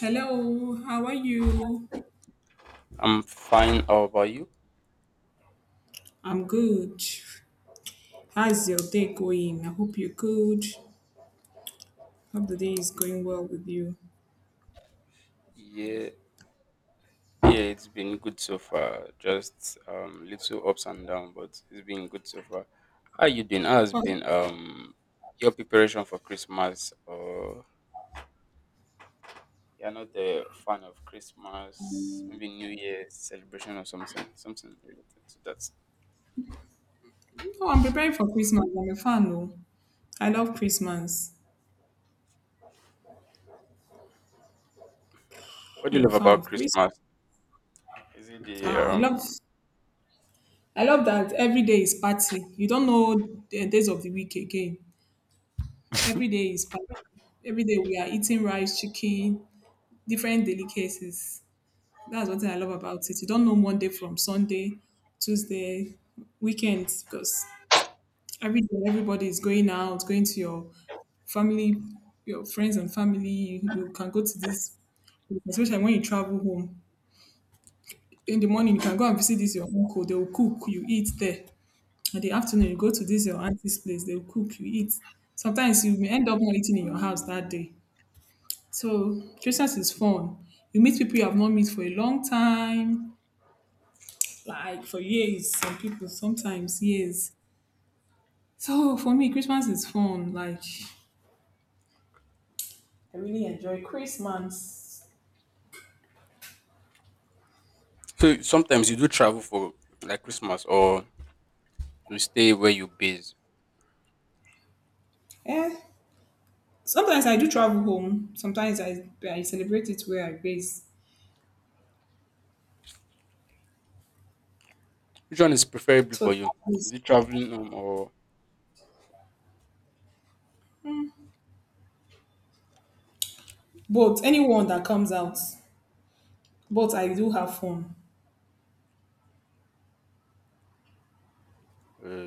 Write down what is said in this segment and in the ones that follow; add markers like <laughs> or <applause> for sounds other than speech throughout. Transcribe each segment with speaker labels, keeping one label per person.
Speaker 1: Hello, how are you?
Speaker 2: I'm fine. How about you?
Speaker 1: I'm good. How's your day going? I hope you're good. Hope the day is going well with you.
Speaker 2: Yeah, yeah, it's been good so far. Just little ups and downs, but it's been good so far. How you doing? How has
Speaker 1: Oh,
Speaker 2: been your preparation for Christmas? Or you're not a fan of Christmas? Maybe New Year celebration or something related to that.
Speaker 1: oh, I'm preparing for Christmas. I'm a fan. Oh. I love Christmas.
Speaker 2: What do you
Speaker 1: I'm a
Speaker 2: love
Speaker 1: fan
Speaker 2: about
Speaker 1: of Christmas.
Speaker 2: Christmas? Is it
Speaker 1: Ah,
Speaker 2: the?
Speaker 1: I love that every day is party. You don't know the days of the week again. Every day is party. Every day we are eating rice, chicken, different delicacies. That's one thing I love about it. You don't know Monday from Sunday, Tuesday, weekends, because every day everybody is going out, going to your family, your friends and family. You can go to this, especially when you travel home. In the morning, you can go and visit this your uncle. They will cook, you eat there. In the afternoon, you go to this your auntie's place. They will cook, you eat. Sometimes you may end up not eating in your house that day. So Christmas is fun. You meet people you have not met for a long time like for years. Some people sometimes years. So for me, Christmas is fun. Like I really enjoy Christmas.
Speaker 2: So sometimes you do travel for like Christmas, or you stay where you base.
Speaker 1: Eh. Sometimes I do travel home. Sometimes I celebrate it where I base.
Speaker 2: Which one is preferable
Speaker 1: So
Speaker 2: for you?
Speaker 1: that
Speaker 2: Is
Speaker 1: is,
Speaker 2: it traveling home or
Speaker 1: but anyone that comes out, but I do have fun.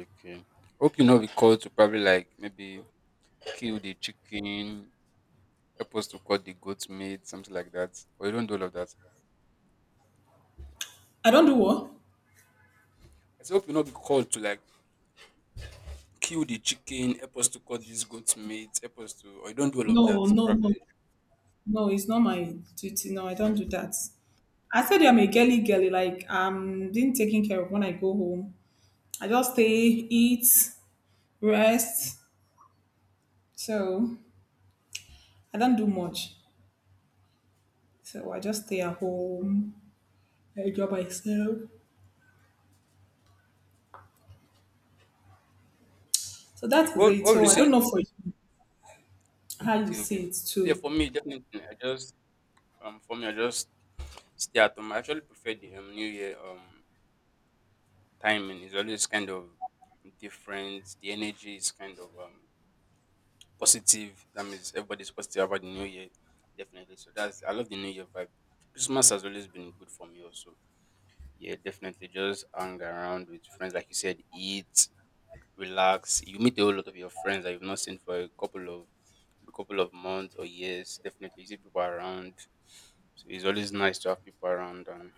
Speaker 2: okay? Hope you know the call to probably like maybe kill the chicken, supposed to cut the goat meat, something like that. Or you don't do all of that.
Speaker 1: I don't do what?
Speaker 2: I said, hope you not be called to like kill the chicken, help us to cut this goat meat, help us to, or you don't do all of that
Speaker 1: No, no, no,
Speaker 2: probably.
Speaker 1: no. It's not my duty. No, I don't do that. I said I'm a girly girly. Like I'm being taken care of when I go home. I just stay, eat, rest, so I don't do much. So I just stay at home, I job myself. So
Speaker 2: Like,
Speaker 1: that is
Speaker 2: what
Speaker 1: it.
Speaker 2: what would
Speaker 1: So
Speaker 2: you
Speaker 1: I
Speaker 2: say?
Speaker 1: don't know for you how you
Speaker 2: Okay, okay.
Speaker 1: see it
Speaker 2: Yeah,
Speaker 1: too.
Speaker 2: for me definitely. I just for me I just stay at home. I actually prefer the New Year timing is always kind of different. The energy is kind of positive. That means everybody's positive about the new year, definitely. So that's I love the new year vibe. Christmas has always been good for me, also. Yeah, definitely. Just hang around with friends, like you said, eat, relax. You meet a whole lot of your friends that you've not seen for a couple of months or years. Definitely, you see people around. So it's always nice to have people around and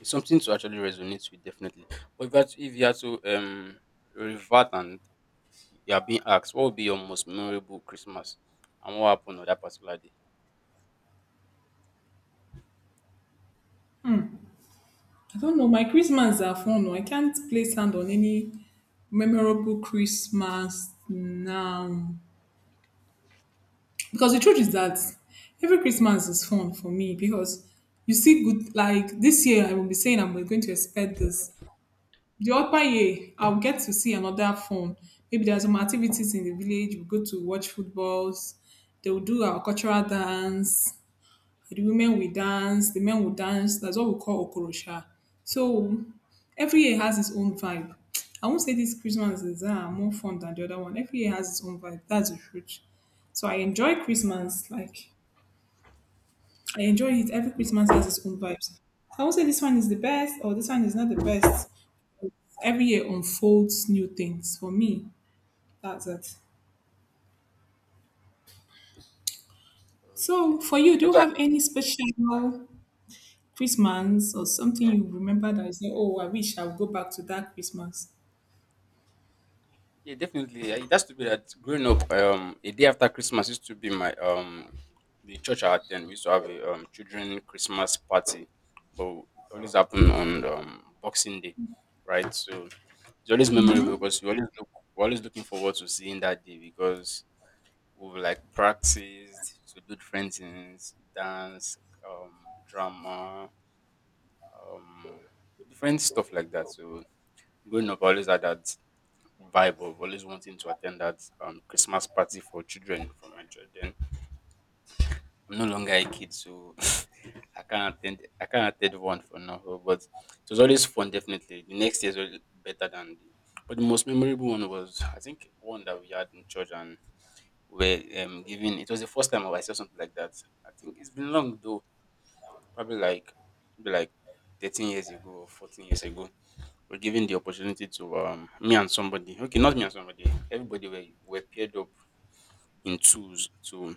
Speaker 2: it's something to actually resonate with definitely. But if you had to revert and you are being asked, what would be your most memorable Christmas and what happened on that particular day?
Speaker 1: I don't know. My Christmas are fun. Oh. I can't place hand on any memorable Christmas now. Because the truth is that every Christmas is fun for me because you see good like this year I will be saying I'm going to expect this. The upper year, I'll get to see another fun. Maybe there are some activities in the village. We go to watch footballs. They will do our cultural dance. The women will dance. The men will dance. That's what we call okorosha. So every year has its own vibe. I won't say this Christmas is more fun than the other one. Every year has its own vibe. That's the truth. So I enjoy Christmas. Like I enjoy it. Every Christmas has its own vibes. I won't say this one is the best or this one is not the best every year unfolds new things for me. That's it. So,
Speaker 2: Okay.
Speaker 1: for you, do you
Speaker 2: Okay.
Speaker 1: have any special Christmas or something you remember that you say, "Oh, I wish I'll go back to that Christmas"?
Speaker 2: Yeah, definitely. It has to be that growing up, a day after Christmas used to be my the church I attend. We used to have a children Christmas party, but it always happened on Boxing Day, right? So it's always memorable because you always look we're always looking forward to seeing that day because we've like practiced to do different things, dance, drama, um, different stuff like that. So growing up, I always had that vibe of always wanting to attend that Christmas party for children from my church. Then I'm no longer a kid, so <laughs> I can't attend. I can't attend one for now. But it was always fun. Definitely, the next year is always better than the. But the most memorable one was I think one that we had in church and were given it was the first time I saw something like that. I think it's been long though, probably like 13 years ago or 14 years ago. We're given the opportunity to me and somebody. Okay, not me and somebody. Everybody were paired up in twos to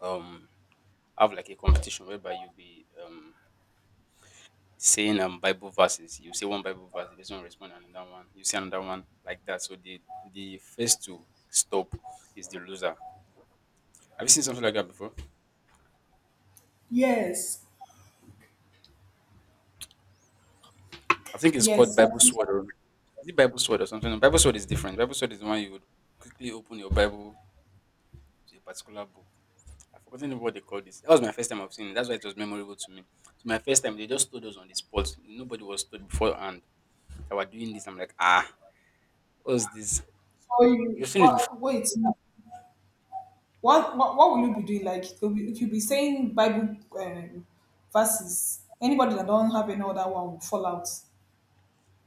Speaker 2: um have like a competition whereby you'll be saying Bible verses. You say one Bible verse, the person will respond and another one. You say another one like that. So the first to stop is the loser. Have you seen something like that before?
Speaker 1: Yes.
Speaker 2: I think it's called
Speaker 1: Yes. That
Speaker 2: Bible
Speaker 1: is
Speaker 2: Sword. Is it Bible Sword or something? No, Bible Sword is different. Bible Sword is the one you would quickly open your Bible to a particular book. I've forgotten what they call this. That was my first time I've seen it. That's why it was memorable to me. So my first time, they just told us on the spot. Nobody was told beforehand that we're doing this. I'm like, ah, what's this?
Speaker 1: for you.
Speaker 2: You've seen it.
Speaker 1: What? Wait. What? What? What will you be doing? Like, you'll be saying Bible verses. Anybody that don't have any other one will fall out.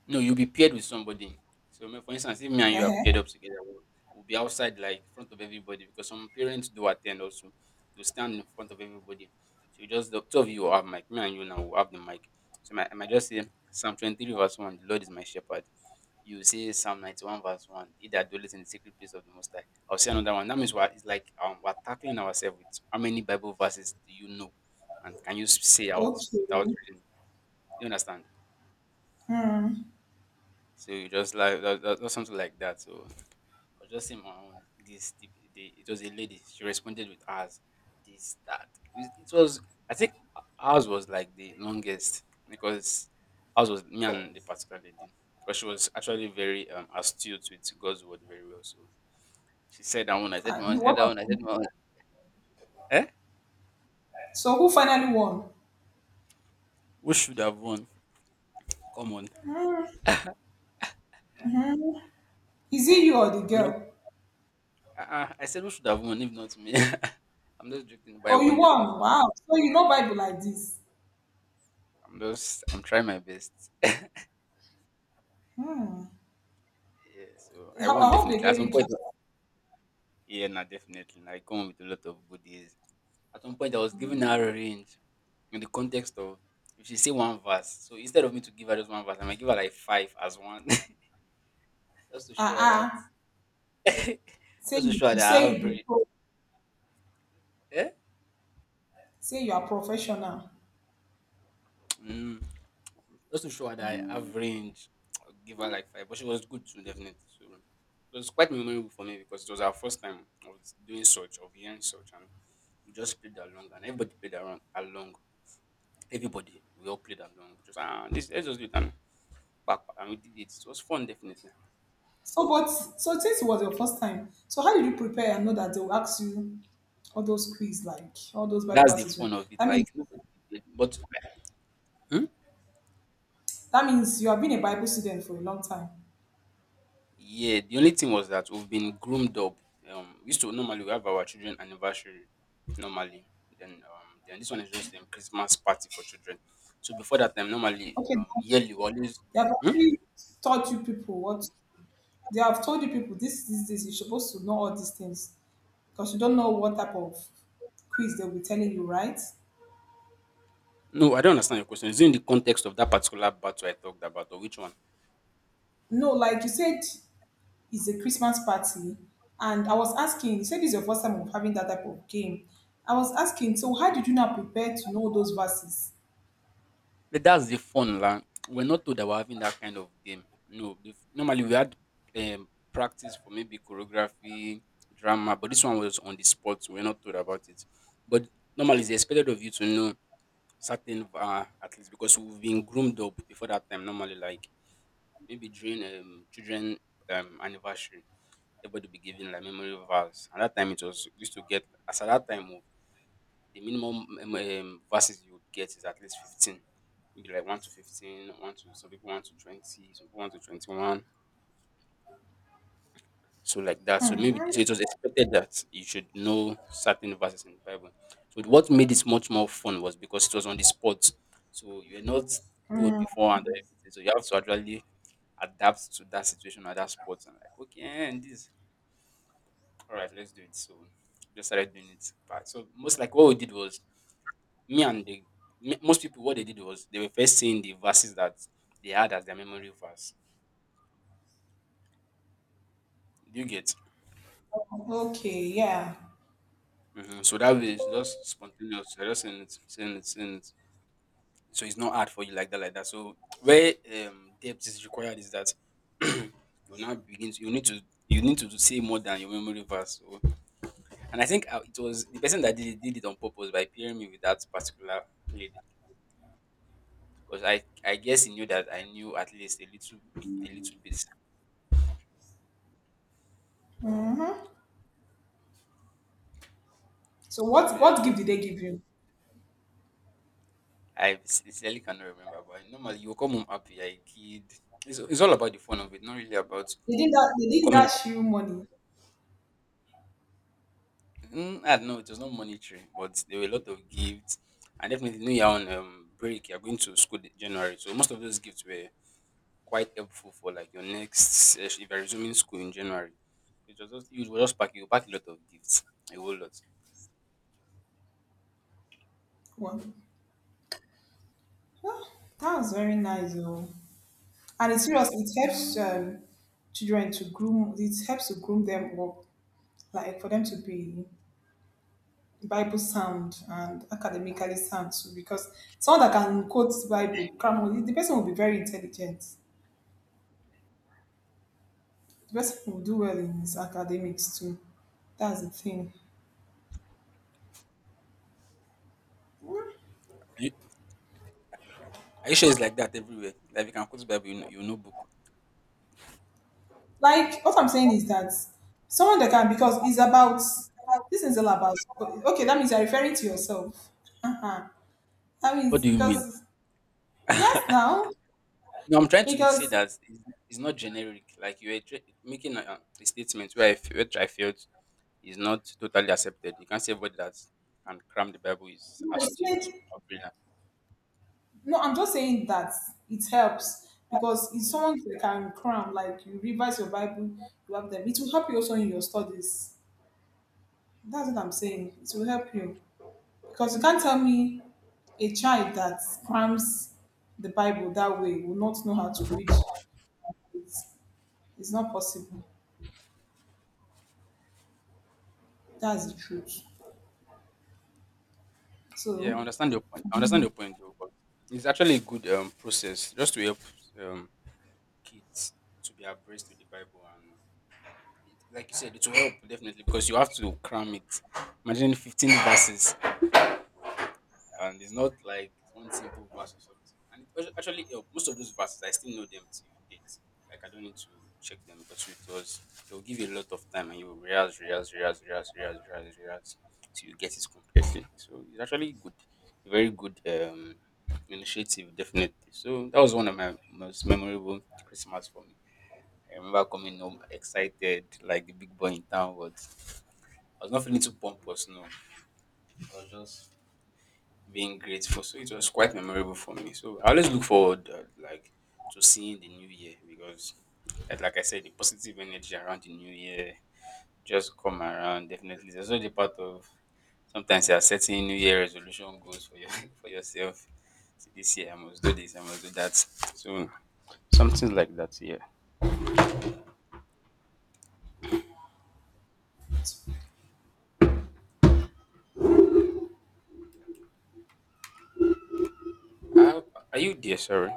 Speaker 2: No, you'll be paired with somebody. So, for instance, if me and you are
Speaker 1: Uh-huh.
Speaker 2: paired up together, we'll be outside, like, front of everybody, because some parents do attend also. They'll stand in front of everybody. So, you just, the two of you will have mic. Me and you now will have the mic. So, my, I might just say, Psalm 23, verse 1, the Lord is my shepherd. You will say Psalm 91, verse 1, he that dwelleth in the secret place of the Most High. I'll say another one. That means what it's like we're tackling ourselves with how many Bible verses do you know? And can you say out without
Speaker 1: Okay.
Speaker 2: reading? Do you understand? So you just like that's something like that. So I was just saying my own. This tip, the, it was a lady. She responded with ours. This that it was. I think ours was like the longest because ours was me and the particular lady because she was actually very astute with God's word very well. So she said that one. I said my own.
Speaker 1: And
Speaker 2: I
Speaker 1: you-
Speaker 2: said
Speaker 1: what?
Speaker 2: that one. I said my own. Eh?
Speaker 1: So who finally won?
Speaker 2: Who should have won? Come on.
Speaker 1: Hmm. Is it you or the
Speaker 2: I'm not,
Speaker 1: girl?
Speaker 2: I said who should have won if not me. <laughs> I'm just joking, but I
Speaker 1: Oh, you
Speaker 2: won
Speaker 1: won.
Speaker 2: definitely.
Speaker 1: Wow. So you know Bible like this.
Speaker 2: I'm trying my best.
Speaker 1: Hmm.
Speaker 2: Yeah, so I
Speaker 1: I
Speaker 2: won
Speaker 1: I hope they
Speaker 2: definitely. At
Speaker 1: gave
Speaker 2: some
Speaker 1: you
Speaker 2: point,
Speaker 1: gift.
Speaker 2: yeah, nah, definitely. Nah, I come with a lot of goodies. At one point, I was giving her a range in the context of if she say one verse. So instead of me to give her just one verse, I might give her like five as one, <laughs> just to show
Speaker 1: Ah,
Speaker 2: her that,
Speaker 1: uh,
Speaker 2: <laughs>
Speaker 1: Say
Speaker 2: just to
Speaker 1: you
Speaker 2: show her
Speaker 1: you
Speaker 2: that
Speaker 1: say
Speaker 2: I
Speaker 1: you
Speaker 2: have
Speaker 1: be
Speaker 2: range.
Speaker 1: pro.
Speaker 2: Eh?
Speaker 1: Say you are professional.
Speaker 2: Mm. Just to show her that I have range. I'll give her like five, but she was good too, definitely. So it was quite memorable for me because it was our first time of doing such, of hearing such, and we just played along, and everybody played around along. Everybody, we all played along. Just ah, this, let's just do it and back, and we did it. It was fun, definitely.
Speaker 1: So, but so since it was your first time, so how did you prepare and know that they will ask you all those quiz, like all those Bible
Speaker 2: That's the
Speaker 1: verses? Well?
Speaker 2: fun of it.
Speaker 1: That
Speaker 2: Like
Speaker 1: means
Speaker 2: nobody, did it, but Hmm?
Speaker 1: that means you have been a Bible student for a long time.
Speaker 2: Yeah, the only thing was that we've been groomed up. We used to normally we have our children anniversary normally. Then this one is just a Christmas party for children. So before that time, normally
Speaker 1: Okay, now,
Speaker 2: yearly we always.
Speaker 1: they have
Speaker 2: Hmm?
Speaker 1: already taught you people what they have told you people. This, this, this. You're supposed to know all these things. Because you don't know what type of quiz they'll be telling you, right?
Speaker 2: No, I don't understand your question. Is it in the context of that particular battle I talked about, or which one?
Speaker 1: No, like you said, it's a Christmas party, and I was asking. You said this is your first time of having that type of game. I was asking, so how did you now prepare to know those verses?
Speaker 2: But that's the fun, la. We're not told that we're having that kind of game. No, the, normally we had practice for maybe choreography, drama, but this one was on the spot. So we're not told about it. But normally it's expected of you to know certain, at least because we've been groomed up before that time. Normally, like maybe during children anniversary, everybody be given like memory vows. At that time, it was used to get as at that time the minimum verses you would get is at least 15, maybe like 1 to 15, one to some people 1 to 20, some people 1 to 21, so like that. So maybe so it was expected that you should know certain verses in the Bible. So what made it much more fun was because it was on the spot. So you're not told before and everything. So you have to actually adapt to that situation at that spot and like, okay, and this all right, let's do it. So just started doing it. But so most like what we did was me and the most people what they did was they were first saying the verses that they had as their memory verse. Do you get?
Speaker 1: Okay, yeah.
Speaker 2: Hmm. So that way it's just spontaneous. You're just saying saying it. So it's not hard for you like that. So where depth is required is that <clears throat> you now begin to you need to say more than your memory verse. So, and I think it was the person that did it on purpose by pairing me with that particular lady. Because I guess he knew that I knew at least a little bit.
Speaker 1: So
Speaker 2: So
Speaker 1: what
Speaker 2: yeah, it
Speaker 1: what
Speaker 2: was
Speaker 1: gift did they give you?
Speaker 2: I sincerely cannot remember, but normally you will come home happy, you kid. It's all about the fun of it, not really about
Speaker 1: They didn't
Speaker 2: coming out.
Speaker 1: dash you money.
Speaker 2: Mm, I don't know, it was not monetary, but there were a lot of gifts. And definitely, you know, you're on break, you're going to school in January. So most of those gifts were quite helpful for like your next, if you're resuming school in January. It was just, you pack a lot of gifts, a whole lot.
Speaker 1: Well, well, that was very nice, though. And it's serious. It helps children to groom. It helps to groom them up, like for them to be Bible sound and academically sound too, because someone that can quote Bible, grammar, the person will be very intelligent. The person will do well in his academics too. That's the thing.
Speaker 2: Are you, are you sure it's like that everywhere? Like if you can quote Bible, you know book.
Speaker 1: Like what I'm saying is that someone that can because it's about this is all about okay, that means you're referring to yourself. Uh-huh. That
Speaker 2: What
Speaker 1: means
Speaker 2: do you mean?
Speaker 1: because yes
Speaker 2: <laughs>
Speaker 1: now
Speaker 2: No, I'm trying to say
Speaker 1: because
Speaker 2: that it's not generic. Like you were making a statement where which I felt is not totally accepted. You can't say everybody that can cram the Bible is
Speaker 1: I said
Speaker 2: astute or brilliant.
Speaker 1: no, I'm just saying that it helps because it's someone that can cram, like you revise your Bible, you have them. It will help you also in your studies. That's what I'm saying. It will help you. Because you can't tell me a child that crams the Bible that way will not know how to read. It's, it's not possible. That's the truth.
Speaker 2: Yeah, I
Speaker 1: So
Speaker 2: understand your point. I understand your point though, but it's actually a good process just to help um, kids to be abreast with the Bible and it, like you said, it will help definitely because you have to cram it. Imagine 15 verses. And it's not like one simple verse or something. And it actually helped. Most of those verses I still know them till date. Like I don't need to check them because it was they'll give you a lot of time and you will rehearse, rehearse, rehearse, rehearse, rehearse, rehearse, rehearse till you get it completely. So it's actually good, a very good initiative, definitely. So that was one of my most memorable Christmas for me. I remember coming home excited, like the big boy in town was. I was not feeling too pompous, no. I was just being grateful. So it was quite memorable for me. So I always look forward like to seeing the new year because like I said, the positive energy around the new year just come around definitely. There's also the part of sometimes you are setting new year resolution goals for your <laughs> for yourself. See this year I must do this, I must do that. So something like that, yeah. Uh, are you there, sorry?